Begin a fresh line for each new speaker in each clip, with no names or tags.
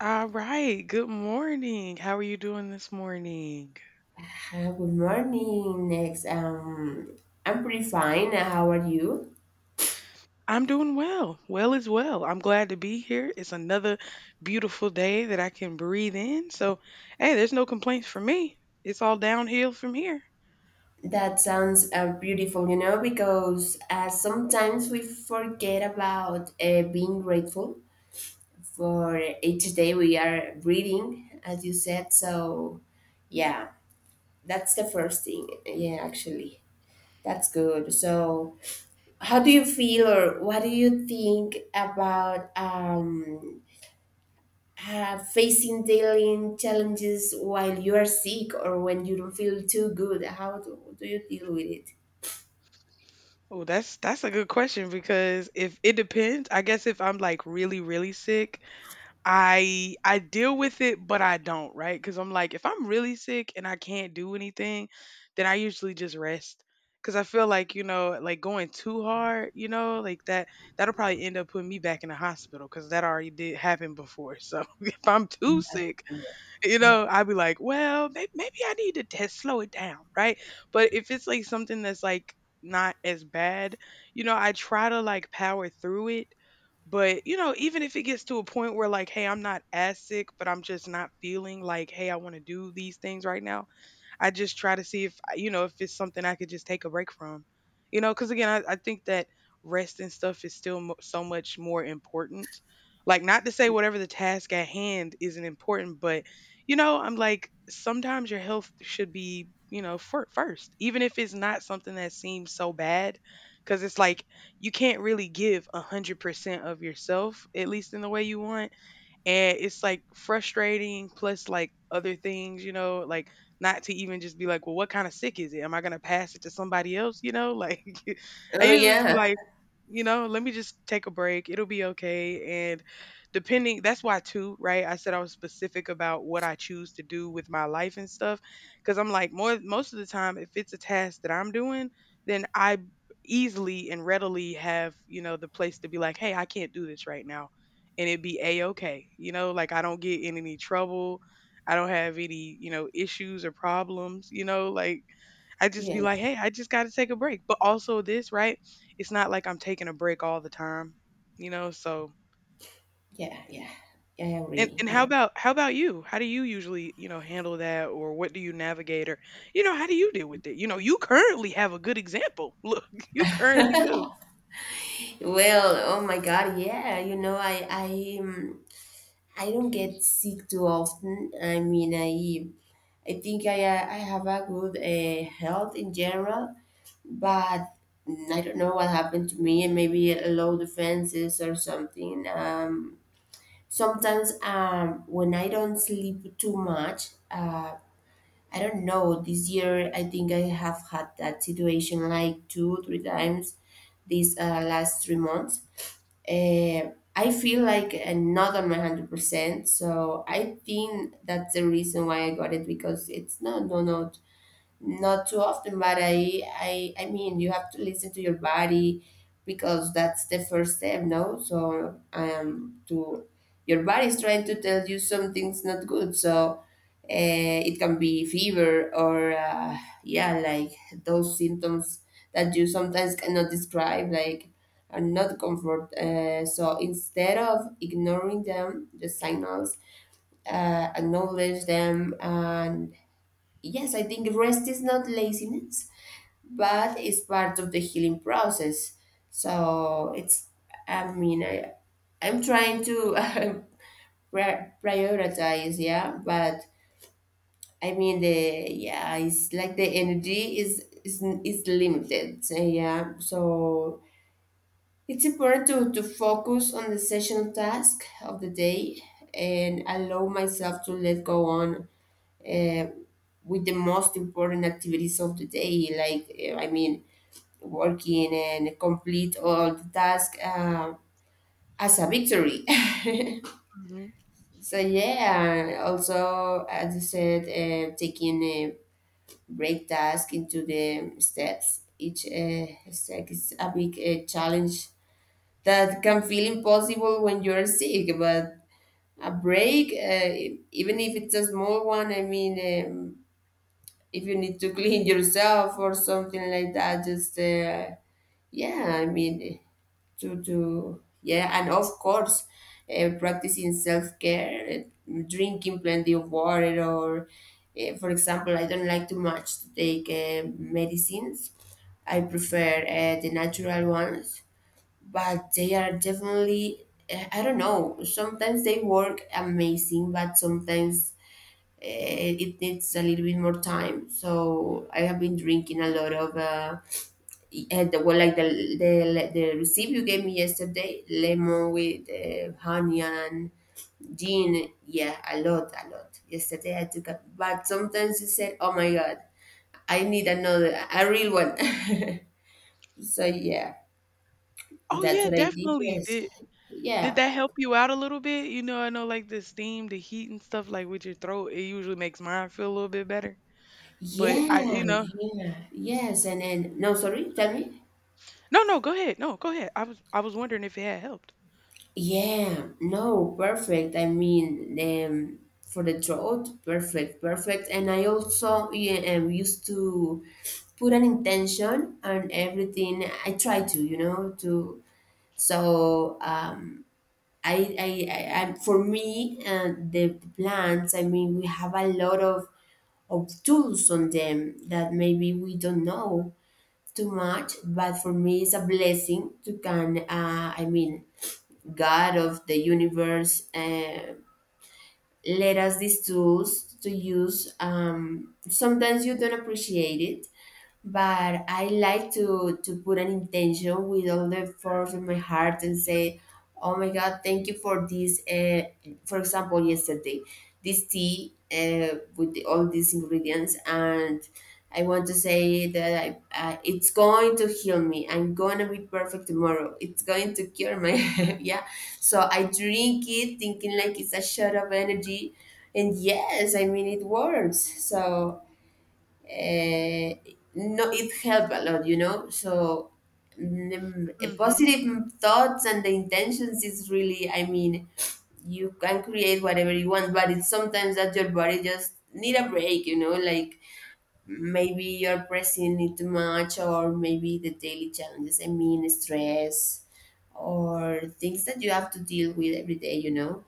All right. Good morning. How are you doing this morning?
Good morning, Next. I'm pretty fine. How are you?
I'm doing well. Well is well. I'm glad to be here. It's another beautiful day that I can breathe in. So, hey, there's no complaints for me. It's all downhill from here.
That sounds beautiful, you know, because sometimes we forget about being grateful for each day we are breathing, as you said. So, yeah, that's the first thing. Yeah, actually, that's good. So, how do you feel, or what do you think about facing daily challenges while you are sick or when you don't feel too good? How do you deal with it?
Oh, that's a good question because if it depends, I guess if I'm like really sick, I deal with it, but I don't, right? Because I'm like, if I'm really sick and I can't do anything, then I usually just rest. Because I feel like you know, like going too hard, you know, like that that'll probably end up putting me back in the hospital because that already did happen before. So if I'm too sick,
Yeah.
you
Yeah.
know, I'd be like, well, maybe, maybe I need to test, slow it down, right? But if it's like something that's like not as bad, you know, I try to like power through it. But, you know, even if it gets to a point where like, hey, I'm not as sick, but I'm just not feeling like, hey, I want to do these things right now, I just try to see if you know if it's something I could just take a break from, you know. Because again, I think that rest and stuff is still so much more important. Like, not to say whatever the task at hand isn't important, but you know, I'm like sometimes your health should be you know for, first, even if it's not something that seems so bad, because it's like you can't really give 100% of yourself, at least in the way you want and it's like frustrating plus like other things you know like not to even just be like well what kind of sick is it am I going to pass it to somebody else you know like I
Oh,
usually just
yeah.
be like you know let me just take a break it'll be okay and depending that's why too right I said I was specific about what I choose to do with my life and stuff because I'm like more most of the time if it's a task that I'm doing then I easily and readily have you know the place to be like hey I can't do this right now and it be a-okay you know like I don't get in any trouble I don't have any you know issues or problems you know like I just
Yeah.
be like hey I just got to take a break but also this right it's not like I'm taking a break all the time you know so
Yeah. Yeah. I
and
agree.
and
Yeah.
how about you how do you usually you know handle that or what do you navigate or you know how do you deal with it you know you currently have a good example look you currently do.
Well, oh my God. Yeah. You know, I don't get sick too often. I mean, I have a good health in general, but I don't know what happened to me, and maybe low defenses or something. Sometimes when I don't sleep too much, I don't know. This year, I think I have had that situation like two, three times these last 3 months. Uh, I feel like not on my 100%. So I think that's the reason why I got it, because it's not, no, no. Not too often, but I mean, you have to listen to your body, because that's the first step, no? So, to your body is trying to tell you something's not good. So, it can be fever or, yeah, like those symptoms that you sometimes cannot describe, like, are not comfort. So, instead of ignoring them, the signals, acknowledge them. And yes, I think rest is not laziness, but it's part of the healing process. So it's, I mean, I'm trying to prioritize, yeah, but I mean, the, yeah, it's like the energy is limited, so, yeah. So it's important to focus on the session task of the day and allow myself to let go on uh, with the most important activities of the day, like, I mean, working and complete all the tasks as a victory.
Mhm.
So yeah, also, as you said, taking a break task into the steps. Each step is a big challenge that can feel impossible when you're sick. But a break, even if it's a small one, I mean, um, if you need to clean yourself or something like that, just yeah, I mean, to yeah, and of course, practicing self-care, drinking plenty of water, or for example, I don't like too much to take medicines. I prefer the natural ones, but they are definitely I don't know, sometimes they work amazing, but sometimes it needs a little bit more time. So I have been drinking a lot of and the, well, like the recipe you gave me yesterday, lemon with honey and gin. Yeah, a lot, a lot. Yesterday I took a, but sometimes you said, oh my God, I need another, a real one. So yeah,
Oh
that's
yeah,
what I did.
definitely
Yes,
did. Did
yeah,
that help you out a little bit? You know, I know like the steam, the heat and stuff like with your throat, it usually makes mine feel a little bit better. But I,
yeah,
you know,
yeah, yes. And then no, sorry, tell me.
no, go ahead. No, go ahead. I was wondering if it had helped.
Yeah, no, perfect. I mean, for the throat, perfect, perfect. And I also, yeah, used to put an intention on everything. I try to, you know, to, so for me, the plants. I mean, we have a lot of tools on them that maybe we don't know too much, but for me, it's a blessing to can. I mean, God of the universe, led us these tools to use. Sometimes you don't appreciate it, but I like to put an intention with all the force of my heart and say, "Oh my God, thank you for this." For example, yesterday, this tea with the, all these ingredients, and I want to say that it's going to heal me. I'm gonna be perfect tomorrow. It's going to cure my yeah. So I drink it thinking like it's a shot of energy, and yes, I mean, it works. So uh, no, it helped a lot, you know. So mm,
Mhm.
positive thoughts and the intentions is really, I mean, you can create whatever you want, but it's sometimes that your body just need a break, you know, like maybe you're pressing it too much, or maybe the daily challenges, I mean stress, or things that you have to deal with every day, you know.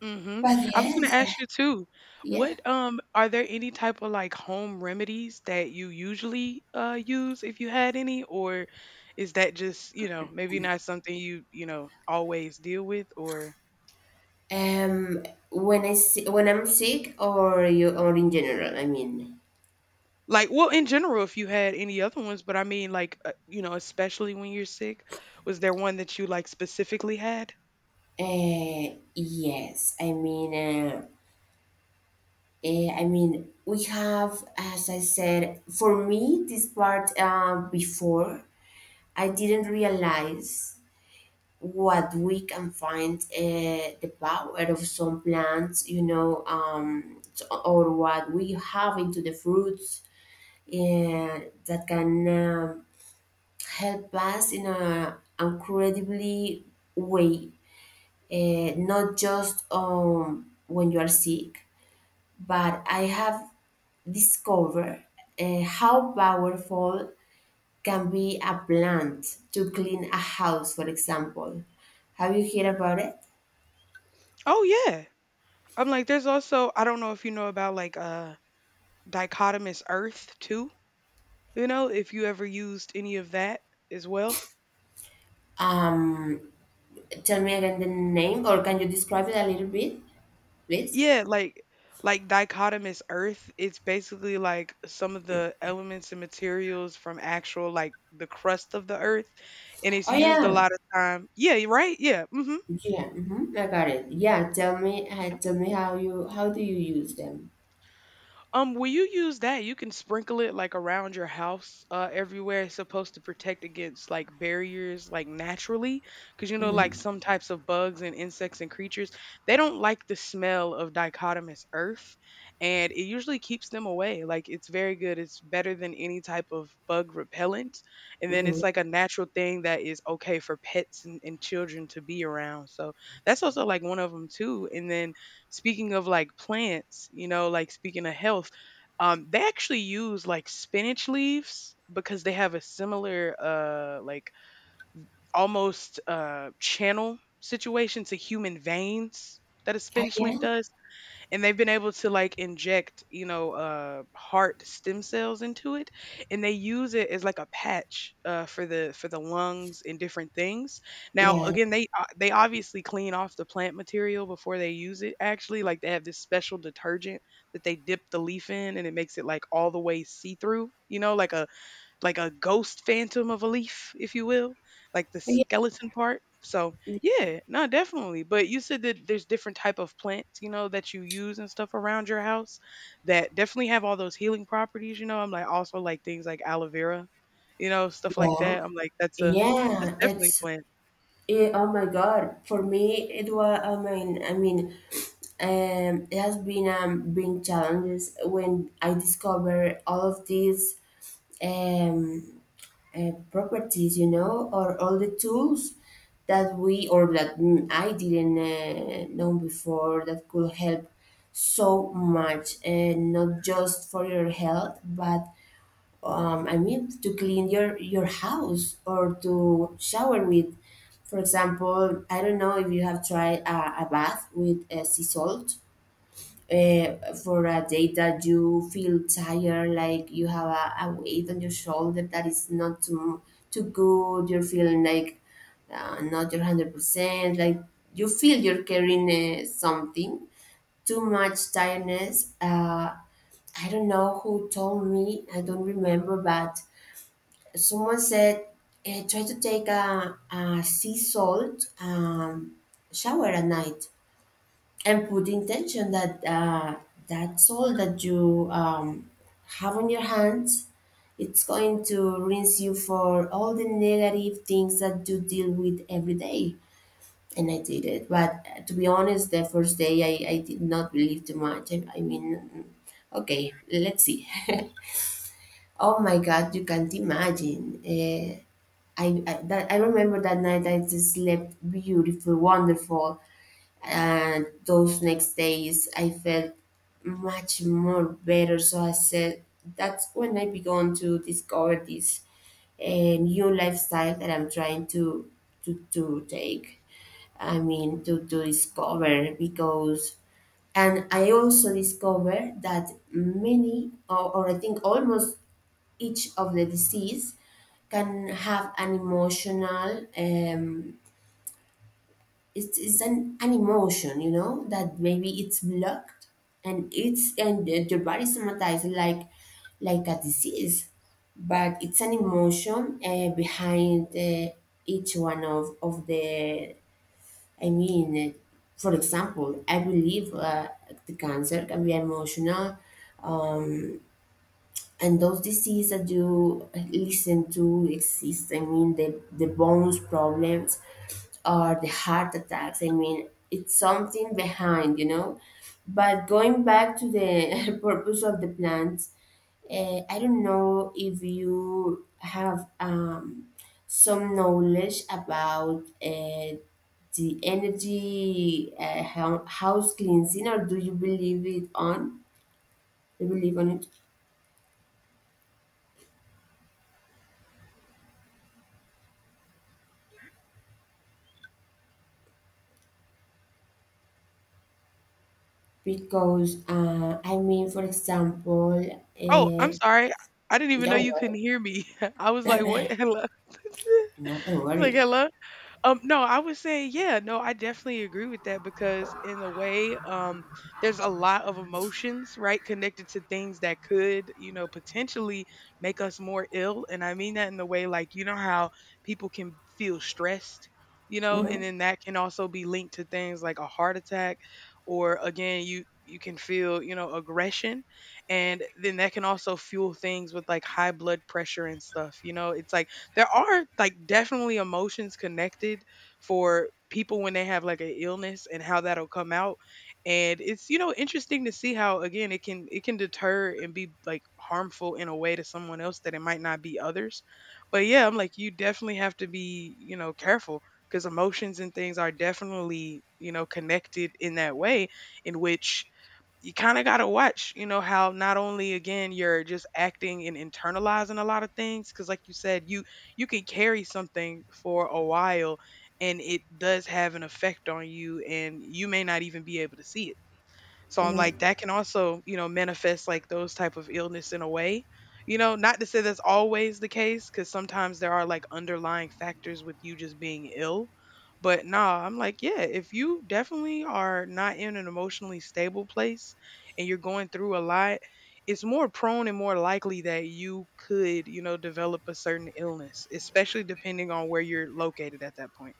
Mhm.
But
I was going to
yes,
ask you too.
yeah.
What are there any type of like home remedies that you usually use if you had any or is that just, you know, maybe not something you, you know, always deal with or.
Um, when I si when I'm sick, or you, or in general, I mean,
Like, well, in general, if you had any other ones, but I mean, like, you know, especially when you're sick, was there one that you like specifically had?
yes, I mean, we have, as I said, for me, this part before, I didn't realize what we can find, the power of some plants, you know, or what we have into the fruits that can, help us in a incredibly way. Not just when you are sick, but I have discovered, how powerful can be a plant to clean a house, for example. Have you heard about it?
Oh yeah. I'm like, there's also I don't know if you know about like dichotomous earth too. You know, if you ever used any of that as well.
um, Tell me again the name, or can you describe it a little bit, please?
Yeah, like dichotomous earth, it's basically like some of the elements and materials from actual like the crust of the earth and it's
Oh
used a
yeah.
lot of time. Yeah, you're right? Yeah. Mhm.
Yeah. Hmm, I got it. Yeah, tell me, tell me, how do you use them?
When you use that, you can sprinkle it like around your house, everywhere. It's supposed to protect against like barriers, like naturally, because you know, like
Mm-hmm.
some types of bugs and insects and creatures, they don't like the smell of dichotomous earth, and it usually keeps them away. Like it's very good. It's better than any type of bug repellent, and then it's
Mhm.
like a natural thing that is okay for pets and children to be around. So that's also like one of them too. And then speaking of like plants, you know, like speaking of health, they actually use like spinach leaves because they have a similar, like almost channel situation to human veins that a
Oh,
spinach
yeah,
leaf does and they've been able to like inject you know heart stem cells into it and they use it as like a patch for the lungs and different things now
yeah,
again they they obviously clean off the plant material before they use it actually like they have this special detergent that they dip the leaf in and it makes it like all the way see through you know like a ghost phantom of a leaf, if you will, like the
yeah,
skeleton part. So yeah, no, definitely. But you said that there's different type of plants, you know, that you use and stuff around your house that definitely have all those healing properties. You know, I'm like also like things like aloe vera, you know, stuff like
yeah,
that. I'm like that's a that's
yeah.
definitely a
It's,
plant.
oh my God. For me, it was. I mean, it has been challenges when I discover all of these um properties, you know, or all the tools that we, or that, I didn't know before that could help so much. And not just for your health, but I mean, to clean your house, or to shower with. For example, I don't know if you have tried a bath with sea salt for a day that you feel tired, like you have a weight on your shoulder that is not too good. You're feeling like not your 100%. Like you feel you're carrying something, too much tiredness. I don't know who told me. I don't remember, but someone said, try to take a sea salt shower at night, and put the intention that that salt that you have on your hands, it's going to rinse you for all the negative things that you deal with every day. And I did it. But to be honest, the first day I did not believe too much. I mean, okay, let's see. Oh my God, you can't imagine. I remember that night I just slept beautiful, wonderful. And those next days I felt much more better. So I said, that's when I began to discover this, a new lifestyle that I'm trying to take. I mean, to discover. Because, and I also discovered that many or I think almost each of the disease can have an emotional it's an emotion, you know, that maybe it's blocked, and it's, and the body somatized, like a disease, but it's an emotion behind, each one of the, I mean, for example, I believe the cancer can be emotional, and those diseases that you listen to exist, I mean, the bones problems, or the heart attacks, I mean, it's something behind, you know. But going back to the purpose of the plants, I don't know if you have some knowledge about the energy, house cleansing. Or do you believe it on you believe on it, because I mean, for example,
Oh, I'm sorry, I didn't even know
don't
you
worry,
couldn't hear me. I was like, what? Hello. I
no, don't
was like,
worry.
hello. No, I would say, yeah, no, I definitely agree with that because in a way, there's a lot of emotions, right, connected to things that could, you know, potentially make us more ill. And I mean that in the way like, you know, how people can feel stressed, you know, and
Hmm.
then that can also be linked to things like a heart attack or again, you can feel, you know, aggression and then that can also fuel things with like high blood pressure and stuff. You know, it's like there are like definitely emotions connected for people when they have like an illness and how that'll come out and it's you know interesting to see how again it can deter and be like harmful in a way to someone else that it might not be others but yeah I'm like you definitely have to be you know careful because emotions and things are definitely you know connected in that way in which you kind of got to watch, you know, how not only again you're just acting and internalizing a lot of things cuz like you said you can carry something for a while and it does have an effect on you and you may not even be able to see it. So I'm like,
Hmm.
that can also, you know, manifest like those type of illness in a way. You know, not to say that's always the case, because sometimes there are like underlying factors with you just being ill. But nah, I'm like, yeah, if you definitely are not in an emotionally stable place and you're going through a lot, it's more prone and more likely that you could, you know, develop a certain illness, especially depending on where you're located at that point.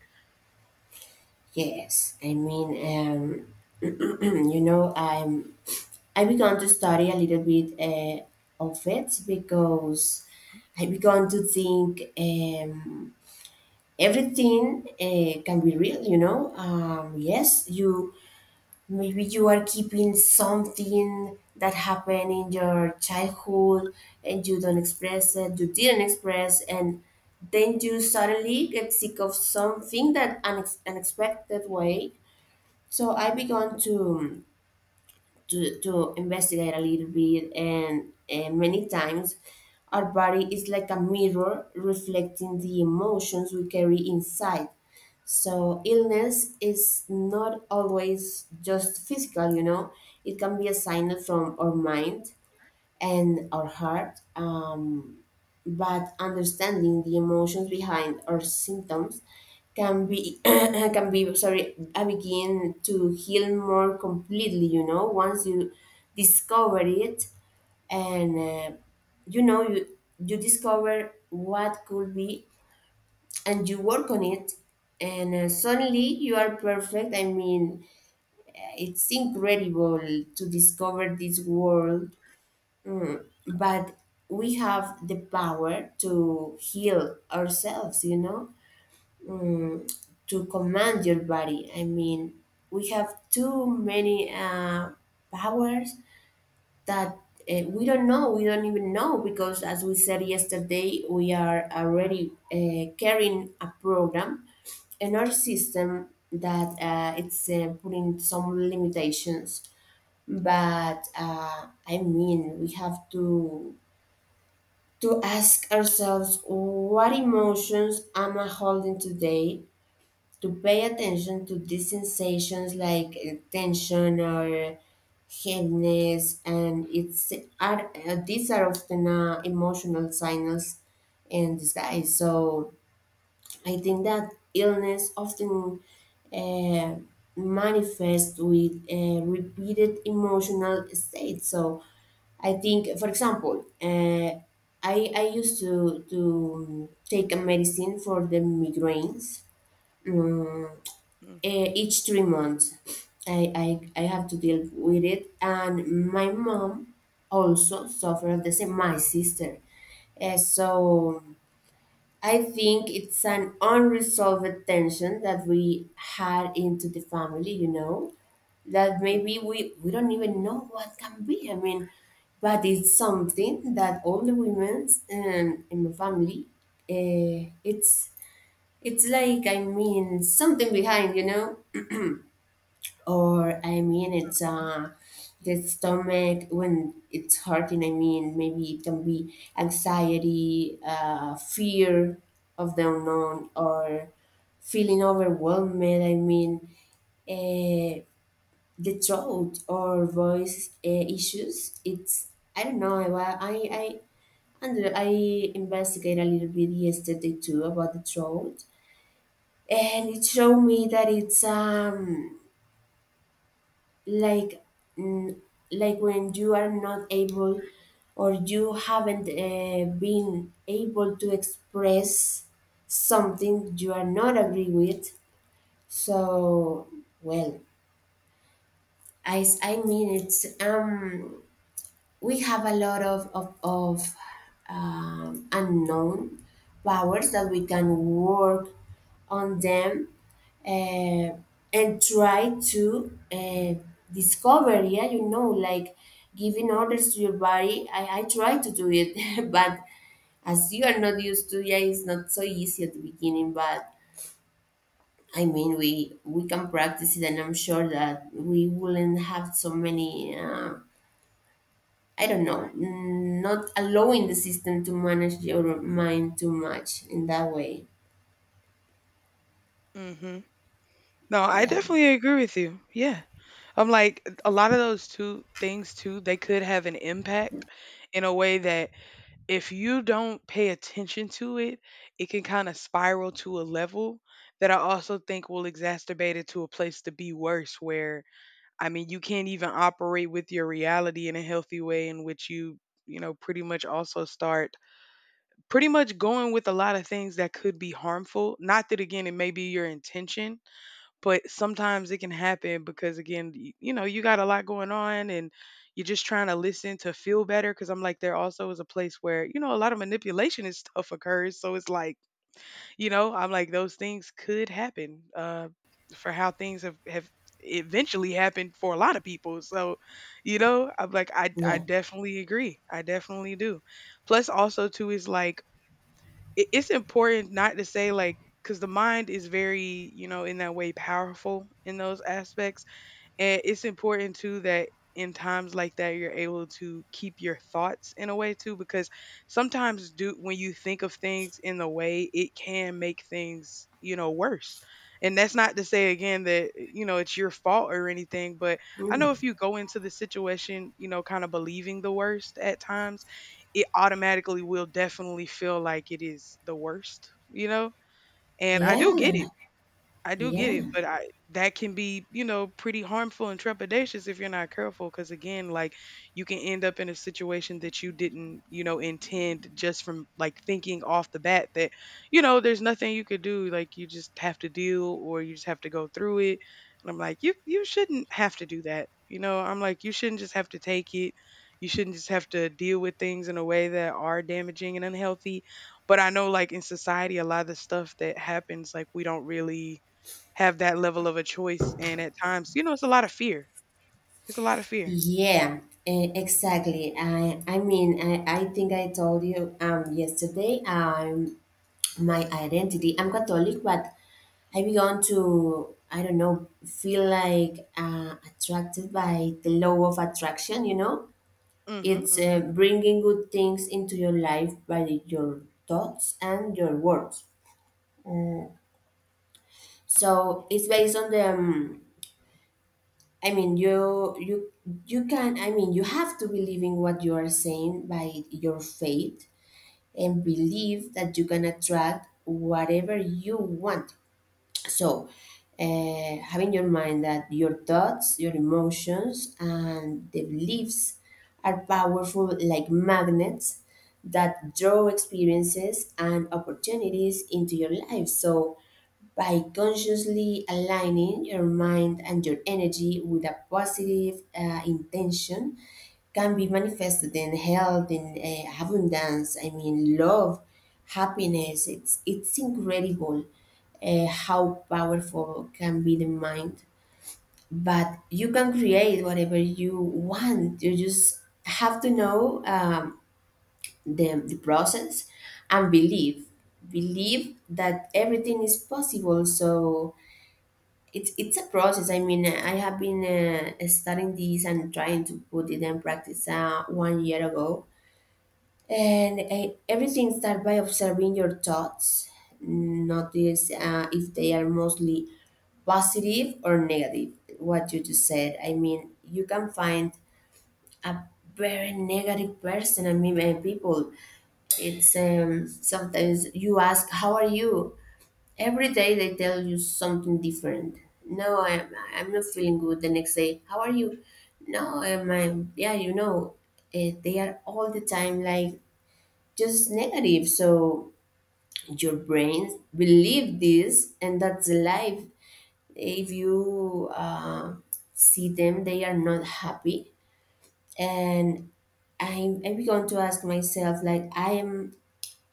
Yes, I mean, you know, I began to study a little bit of it, because I began to think everything can be real, you know. Yes, you maybe you are keeping something that happened in your childhood, and you don't express it, you didn't express, and then you suddenly get sick of something unexpected way. So I began to to investigate a little bit. And many times, our body is like a mirror reflecting the emotions we carry inside. So illness is not always just physical, you know. It can be a sign from our mind and our heart. But understanding the emotions behind our symptoms can be, can be sorry, I begin to heal more completely. You know, once you discover it, and you know, you discover what could be, and you work on it, and suddenly you are perfect. I mean, it's incredible to discover this world, but we have the power to heal ourselves, you know, to command your body. I mean, we have too many powers that we don't know. We don't even know, because as we said yesterday, we are already carrying a program in our system that it's putting some limitations. But I mean, we have to ask ourselves, what emotions am I holding today? To pay attention to these sensations, like tension or heaviness. And it's are these are often emotional signals in disguise. So I think that illness often uh, manifests with repeated emotional states. So I think, for example, I used to take a medicine for the migraines. Um,
Hmm.
each 3 months, I, I I have to deal with it, and my mom also suffered the same. My sister. So I think it's an unresolved tension that we had into the family. You know, that
Hmm.
maybe we don't even know what can be. I mean, but it's something that all the women in my family, uh, it's it's like, I mean, something behind, you know, or I mean it's the stomach when it's hurting. I mean, maybe it can be anxiety, fear of the unknown, or feeling overwhelmed. I mean, uh, the throat or voice issues. It's I don't know. I wa- I And I investigated a little bit yesterday too about the throat, and it showed me that it's like, mm, like when you are not able, or you haven't been able to express something you are not agree with. So, well, I mean it's we have a lot of unknown powers that we can work on them, uh, and try to discover, yeah, you know, like giving orders to your body. I try to do it but as you are not used to, yeah, it's not so easy at the beginning, but I mean we can practice it, and I'm sure that we wouldn't have so many I don't know, not allowing the system to manage your mind too much in that way.
Hmm. No, I
Yeah,
definitely agree with you. Yeah. I'm like a lot of those two things too, they could have an impact in a way that if you don't pay attention to it, it can kind of spiral to a level that I also think will exacerbate it to a place to be worse where I mean you can't even operate with your reality in a healthy way in which you know pretty much also start pretty much going with a lot of things that could be harmful, not that again it may be your intention, but sometimes it can happen because again you got a lot going on, and you're just trying to listen to feel better because I'm like there also is a place where, you know, a lot of manipulation and stuff occurs. So it's like, you know, I'm like those things could happen for how things have eventually happened for a lot of people. So, you know, I'm like, I
yeah.
definitely agree, I definitely do. Plus, also too, is like it's important not to say, like, because the mind is very, you know, in that way powerful in those aspects. And it's important too that in times like that you're able to keep your thoughts in a way too, because sometimes do when you think of things in the way it can make things, you know, worse. And that's not to say again that, you know, it's your fault or anything, but I know if
Mm.
you go into the situation, you know, kind of believing the worst at times, it automatically will definitely feel like it is the worst, you know? And I do get it,
Yeah,
I do get it,
yeah,
but I that can be, you know, pretty harmful and trepidatious if you're not careful because again, like, you can end up in a situation that you didn't, you know, intend just from like thinking off the bat that, you know, there's nothing you could do, like you just have to deal or you just have to go through it. And I'm like, you shouldn't have to do that. You know, I'm like you shouldn't just have to take it. You shouldn't just have to deal with things in a way that are damaging and unhealthy. But I know like in society a lot of the stuff that happens like we don't really have that level of a choice, and at times, you know, it's a lot of fear. It's a lot of fear.
yeah. Exactly. I mean, I think I told you yesterday. My identity. I'm Catholic, but I began to, I don't know, feel like attracted by the law of attraction, you know?
Mhm,
It's
mhm,
bringing good things into your life by your thoughts and your words. So it's based on the. I mean, you can. I mean, you have to believe in what you are saying by your faith, and believe that you can attract whatever you want. So, having your mind that your thoughts, your emotions, and the beliefs are powerful like magnets that draw experiences and opportunities into your life. So, by consciously aligning your mind and your energy with a positive intention, can be manifested in health, in abundance, I mean love, happiness. It's incredible how powerful can be the mind. But you can create whatever you want, you just have to know the process, and believe, that everything is possible. So it's a process. I mean, I have been studying this and trying to put it in practice one year ago. And everything starts by observing your thoughts. Notice if they are mostly positive or negative. What you just said. I mean, you can find a very negative person. I mean, people. It's sometimes you ask, "How are you?" Every day they tell you something different. "No, I'm not feeling good." The next day, "How are you?" "No, I'm, yeah, you know," they are all the time like just negative. So your brain believe this, and that's life. If you see them, they are not happy. And I began to ask myself like, I am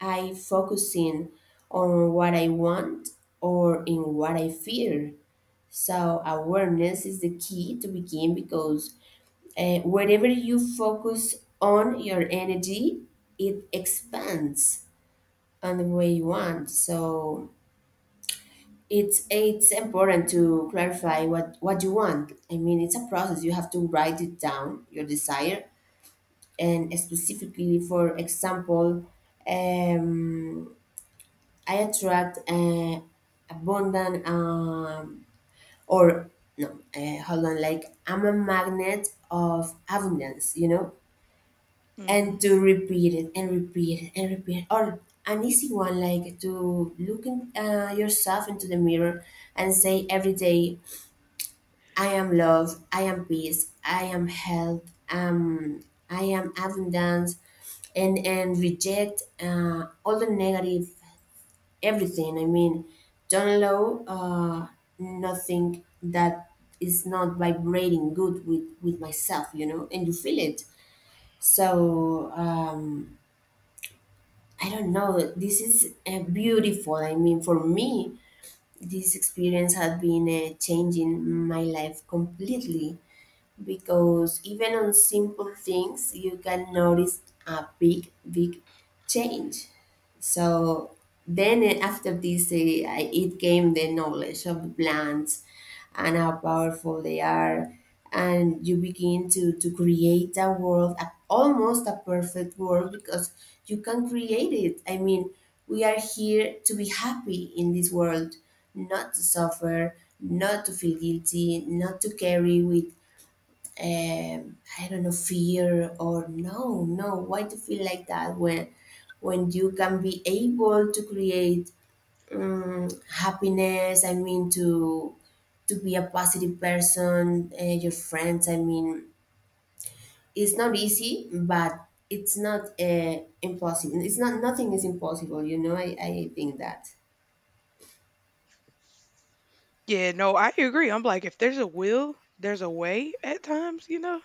I focusing on what I want, or in what I fear? So awareness is the key to begin, because wherever you focus on your energy, it expands on the way you want. So it's important to clarify what you want. I mean, it's a process. You have to write it down, your desire, and specifically, for example, um, I attract abundant. Or no, hold on, like I'm a magnet of abundance, you know. And
mhm.
to repeat it and repeat it and repeat it. Or an easy one, like to look in, yourself into the mirror, and say every day, I am love, I am peace, I am health, um, I am abundance. And reject, all the negative, everything. I mean, don't allow nothing that is not vibrating good with myself, you know, and you feel it. So, I don't know. This is beautiful. I mean, for me, this experience has been changing my life completely, because even on simple things you can notice a big, big change. So then, after this, it came the knowledge of the plants, and how powerful they are. And you begin to create a world, almost a perfect world, because you can create it. I mean, we are here to be happy in this world, not to suffer, not to feel guilty, not to carry with I don't know, fear. Or no, no. Why do you feel like that, when you can be able to create happiness? I mean, to be a positive person, your friends. I mean, it's not easy, but it's not impossible. It's not, nothing is impossible. You know, I think that.
Yeah, no, I agree. I'm like, if there's a will, there's a way at times, you know?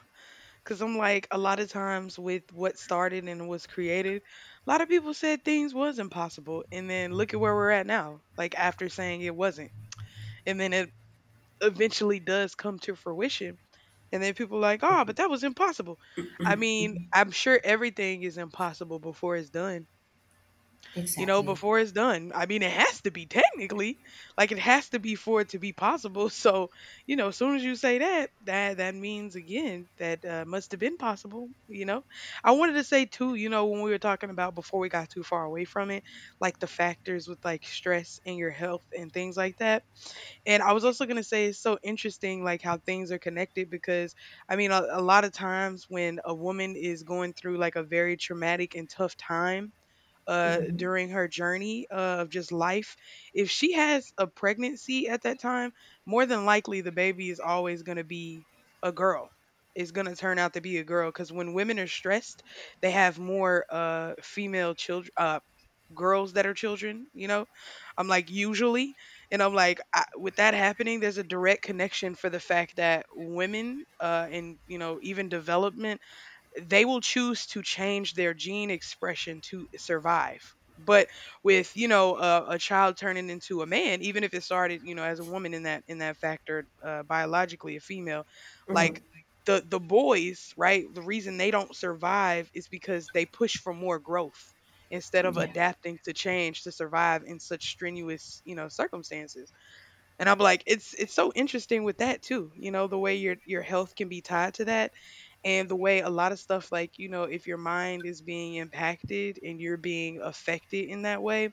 Because I'm like, a lot of times with what started and was created, a lot of people said things was impossible. And then look at where we're at now, like after saying it wasn't. And then it eventually does come to fruition. And then people are like, oh, but that was impossible. I mean, I'm sure everything is impossible before it's done. You know,
Exactly.
before it's done. I mean, it has to be technically, like it has to be for it to be possible. So, you know, as soon as you say that, that means again that must have been possible. You know, I wanted to say too, you know, when we were talking about before we got too far away from it, like the factors with like stress and your health and things like that. And I was also going to say it's so interesting, like how things are connected because I mean, a lot of times when a woman is going through like a very traumatic and tough time
Hmm.
during her journey of just life. If she has a pregnancy at that time, more than likely the baby is always going to be a girl. It's going to turn out to be a girl because when women are stressed, they have more female children, girls that are children, you know? I'm like, usually. And I'm like, I, with that happening, there's a direct connection for the fact that women, and, you know, even development they will choose to change their gene expression to survive. But with, you know, a child turning into a man, even if it started, you know, as a woman in that factor, biologically a female,
Hmm.
like the boys, right, the reason they don't survive is because they push for more growth instead of
Yeah.
adapting to change to survive in such strenuous, you know, circumstances. And I'm like, it's so interesting with that too, you know, the way your health can be tied to that and the way a lot of stuff like, you know, if your mind is being impacted and you're being affected in that way,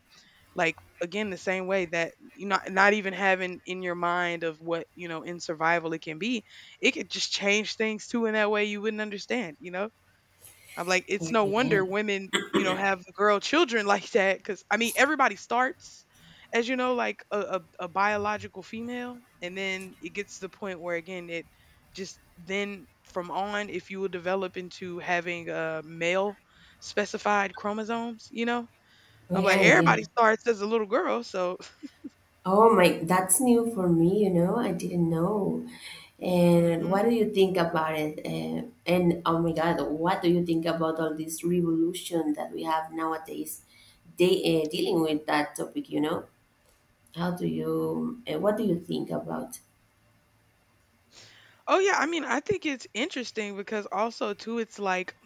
like again the same way that you not even having in your mind of what, you know, in survival it can be, it could just change things too in that way you wouldn't understand, you know? I'm like, it's
Yeah.
no
Yeah.
wonder women, you know, have girl children like that. Because I mean, everybody starts as you know, like a biological female, and then it gets to the point where again, it just then from on, if you will develop into having male specified chromosomes, you know.
Oh,
I'm like
yeah, yeah.
everybody starts as a little girl, so.
Oh my, that's new for me, you know. I didn't know. And
Hmm.
what do you think about it? And oh my God, what do you think about all this revolution that we have nowadays? They dealing with that topic, you know. How do you? What do you think about?
Oh yeah, I mean, I think it's interesting because also too, it's like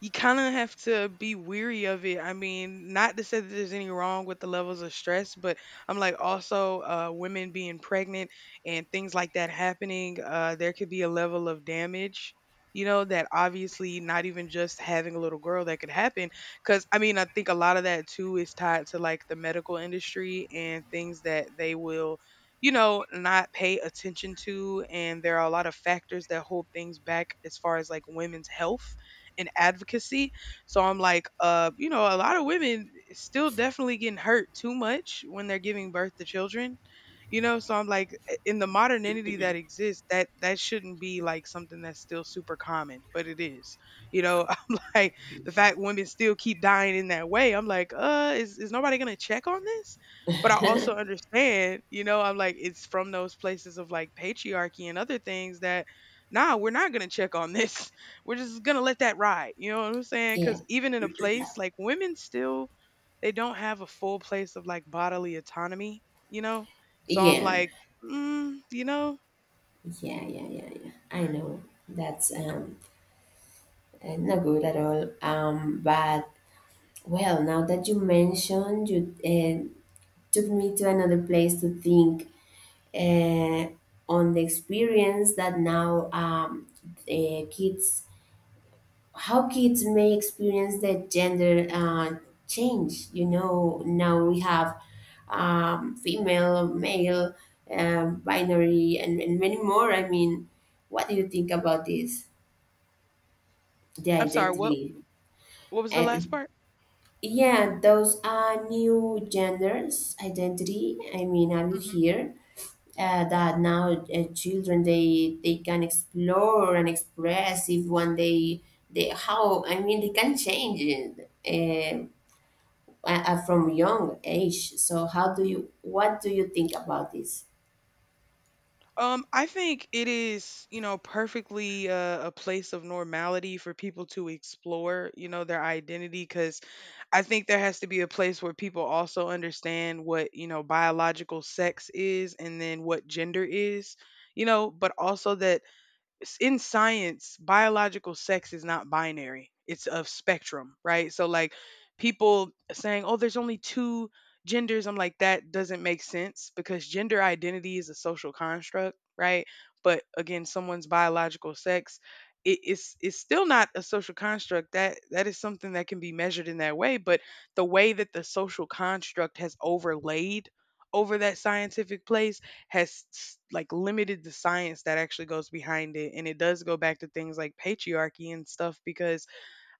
you kind of have to be weary of it. I mean, not to say that there's any wrong with the levels of stress, but I'm like also women being pregnant and things like that happening, there could be a level of damage, you know, that obviously not even just having a little girl that could happen. Cause I mean, I think a lot of that too is tied to like the medical industry and things that they will. You know, not pay attention to, and there are a lot of factors that hold things back as far as like women's health and advocacy. So I'm like, you know, a lot of women still definitely getting hurt too much when they're giving birth to children. You know, so I'm like, in the modernity that exists, that shouldn't be like something that's still super common, but it is. You know, I'm like, the fact women still keep dying in that way, I'm like, is nobody gonna check on this? But I also understand, you know, I'm like, it's from those places of like patriarchy and other things that nah, we're not gonna check on this. We're just gonna let that ride. You know what I'm saying?
Yeah,
Because even in a place like women, still they don't have a full place of like bodily autonomy. You know, so I'm
yeah,
like, mm, you know,
yeah, yeah, yeah, yeah. I know that's not good at all. But, well, now that you mentioned, you took me to another place to think uh, on the experience that now kids how kids may experience the gender change, you know. Now we have female, male, binary, and many more. I mean, what do you think about this, the
I'm sorry.
identity?
What was the last
And,
part?
yeah, those are new genders identity. I mean, are you here, that now, children, they can explore and express if one day they, how, I mean, they can change it, from young age. So, how do you what do you think about this?
I think it is, you know, perfectly a place of normality for people to explore, you know, their identity. Because I think there has to be a place where people also understand what, you know, biological sex is and then what gender is, you know, but also that in science, biological sex is not binary. It's a spectrum, right? So like people saying, "Oh, there's only two genders." I'm like, that doesn't make sense because gender identity is a social construct, right? But again, someone's biological sex, it is, it's still not a social construct. That is something that can be measured in that way, but the way that the social construct has overlaid over that scientific place has like limited the science that actually goes behind it, and it does go back to things like patriarchy and stuff because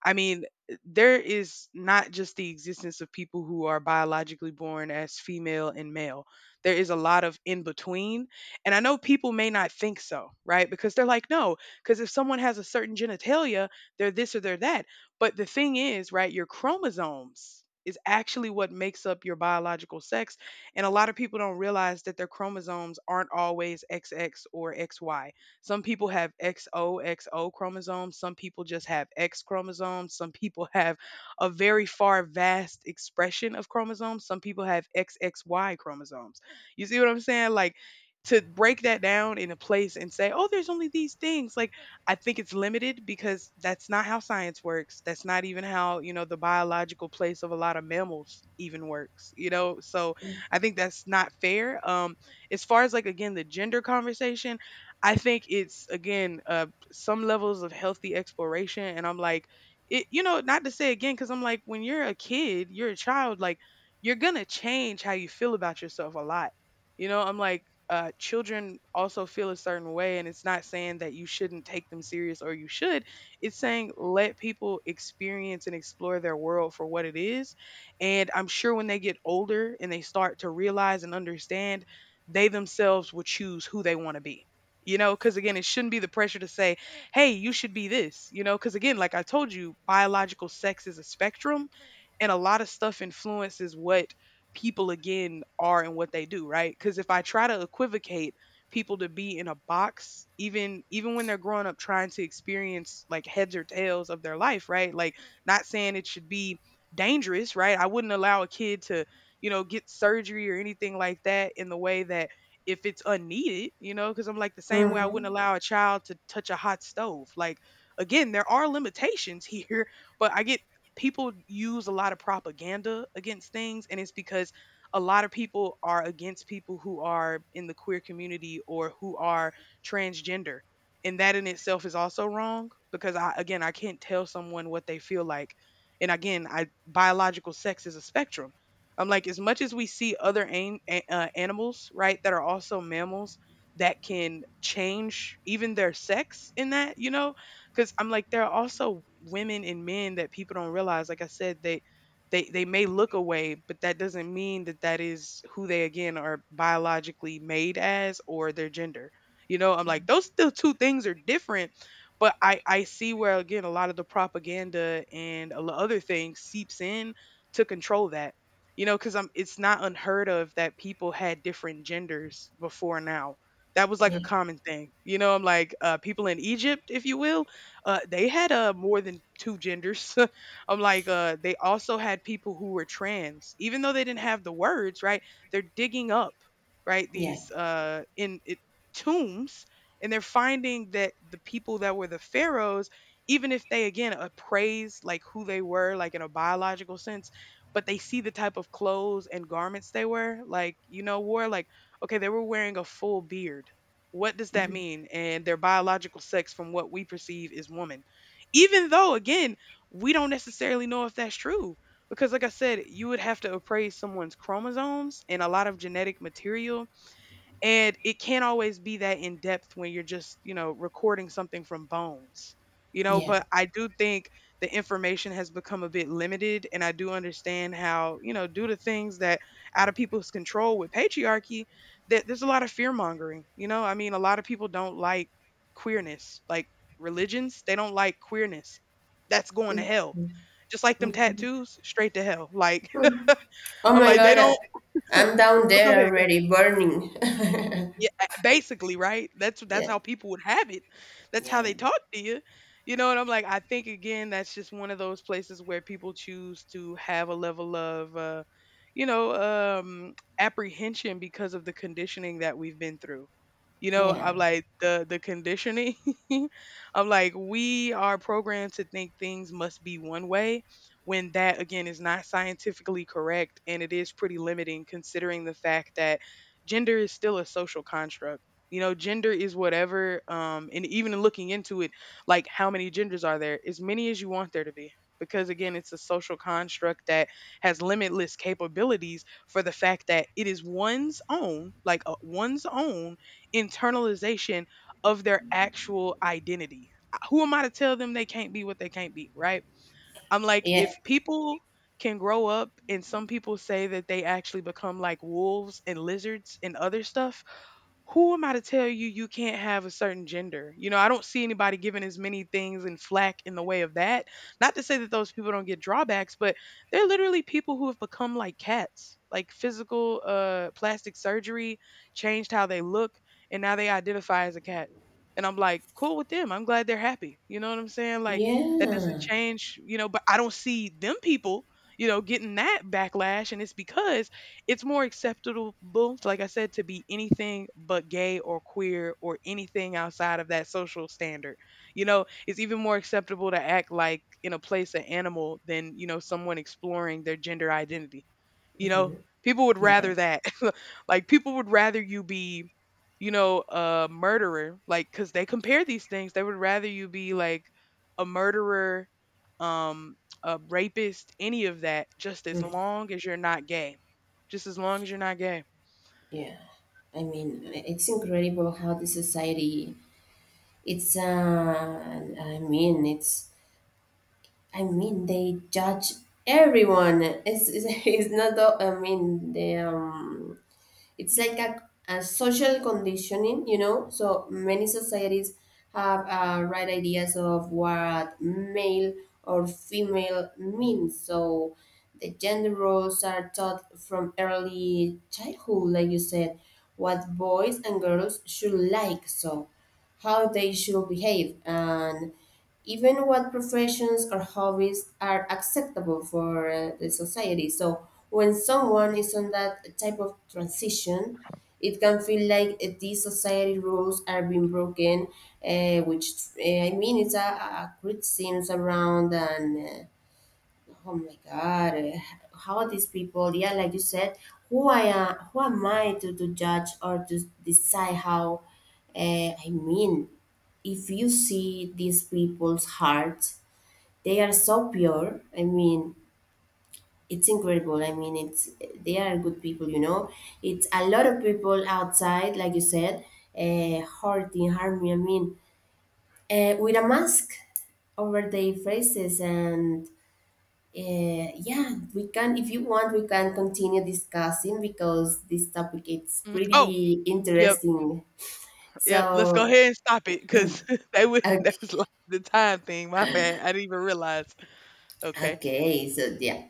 I mean, there is not just the existence of people who are biologically born as female and male. There is a lot of in between. And I know people may not think so, right? Because they're like, no, because if someone has a certain genitalia, they're this or they're that. But the thing is, right, your chromosomes is actually what makes up your biological sex. And a lot of people don't realize that their chromosomes aren't always XX or XY. Some people have XOXO chromosomes, some people just have X chromosomes, some people have a very far vast expression of chromosomes, some people have XXY chromosomes. You see what I'm saying? Like to break that down in a place and say, "Oh, there's only these things." Like I think it's limited because that's not how science works. That's not even how, you know, the biological place of a lot of mammals even works, you know? So I think that's not fair. Um, as far as like again the gender conversation, I think it's again some levels of healthy exploration, and I'm like, it, you know, not to say again, because I'm like, when you're a kid, you're a child, like you're gonna change how you feel about yourself a lot. You know, I'm like, children also feel a certain way, and it's not saying that you shouldn't take them serious or you should. It's saying let people experience and explore their world for what it is. And I'm sure when they get older and they start to realize and understand, they themselves will choose who they want to be, you know, because again it shouldn't be the pressure to say, hey, you should be this, you know, because again like I told you biological sex is a spectrum and a lot of stuff influences what people again are and what they do, right? Because if I try to equivocate people to be in a box, even when they're growing up trying to experience like heads or tails of their life, right? Like not saying it should be dangerous, right, I wouldn't allow a kid to, you know, get surgery or anything like that in the way that if it's unneeded, you know, because I'm like the same way I wouldn't
Mm-hmm.
allow a child to touch a hot stove. Like, again, there are limitations here, but I get people use a lot of propaganda against things, and it's because a lot of people are against people who are in the queer community or who are transgender. And that in itself is also wrong because I, again, I can't tell someone what they feel like. And again, I biological sex is a spectrum. I'm like, as much as we see animals, right, that are also mammals that can change even their sex in that, you know, because I'm like, there are also women and men that people don't realize. Like I said, they may look away, but that doesn't mean that that is who they again are biologically made as or their gender. You know, I'm like, those still two things are different. But I see where again a lot of the propaganda and a lot other things seeps in to control that, you know, because I'm it's not unheard of that people had different genders before. Now that was like
Yeah,
a common thing. You know, I'm like, people in Egypt, if you will, they had more than two genders. I'm like, they also had people who were trans even though they didn't have the words, right? They're digging up, right,
yeah.
these tombs, and they're finding that the people that were the pharaohs, even if they again appraise like who they were like in a biological sense, but they see the type of clothes and garments they wear. Like, you know, wore like, okay, they were wearing a full beard. What does that
Mhm.
mean? And their biological sex from what we perceive is woman. Even though, again, we don't necessarily know if that's true. Because, like I said, you would have to appraise someone's chromosomes and a lot of genetic material, and it can't always be that in depth when you're just, you know, recording something from bones, you know.
Yeah.
But I do think the information has become a bit limited. And I do understand how, you know, due to things that out of people's control with patriarchy, that there's a lot of fear mongering, you know. I mean, a lot of people don't like queerness, like religions, they don't like queerness. That's going to
Mhm.
hell.
Mhm.
Just like them tattoos, straight to hell. Like,
Mhm. Oh
I'm
my
like, they
God,
don't.
I'm down
Oh, go
there
ahead. Go ahead.
already, burning.
Yeah, basically, right? That's
Yeah,
how people would have it. That's how
yeah,
they talk to you. You know, and I'm like, I think again, that's just one of those places where people choose to have a level of, you know, apprehension because of the conditioning that we've been through. You know,
yeah,
I'm like the conditioning. I'm like, we are programmed to think things must be one way, when that again is not scientifically correct, and it is pretty limiting considering the fact that gender is still a social construct. You know, gender is whatever, and even looking into it, like how many genders are there? As many as you want there to be. Because again, it's a social construct that has limitless capabilities for the fact that it is one's own, one's own internalization of their actual identity. Who am I to tell them they can't be what they can't be, right? I'm like,
yeah, yeah.
if people can grow up and some people say that they actually become like wolves and lizards and other stuff, who am I to tell you you can't have a certain gender? You know, I don't see anybody giving as many things and flack in the way of that. Not to say that those people don't get drawbacks, but they're literally people who have become like cats. Like physical plastic surgery changed how they look and now they identify as a cat. And I'm like, cool with them. I'm glad they're happy. You know what I'm saying? Like that doesn't change, you know, but I don't see them people, you know, getting that backlash, and it's because it's more acceptable, like I said, to be anything but gay or queer or anything outside of that social standard. You know, it's even more acceptable to act like in a place an animal than, you know, someone exploring their gender identity. You know,
Mhm.
people would
Yeah.
rather that. Like people would rather you be, you know, a murderer. Like, cause they compare these things. They would rather you be like a murderer, um, a rapist, any of that, just as
Mm-hmm.
long as you're not gay. Just as long as you're not gay.
Yeah, I mean, it's incredible how the society. It's I mean, it's I mean, they judge everyone. It's it's not. I mean, they it's like a social conditioning. You know, so many societies have right ideas of what male or female means. So the gender roles are taught from early childhood, like you said, what boys and girls should like, so how they should behave, and even what professions or hobbies are acceptable for the society. So when someone is on that type of transition, it can feel like these society rules are being broken, which I mean, it's a criticism around, and oh my God, how are these people? Yeah, like you said, who am I to, judge or to decide how? I mean, if you see these people's hearts, they are so pure. I mean, it's incredible. I mean, it's they are good people. You know, it's a lot of people outside, like you said, hurting, harming. I mean, with a mask over their faces. And Yeah, if you want, we can continue discussing, because this topic is
Mhm. Oh,
pretty
yep,
interesting.
yep. Let's go
So,
ahead and stop it because that was that
okay,
was like the time thing. My bad. I didn't even realize. Okay.
okay, so yeah.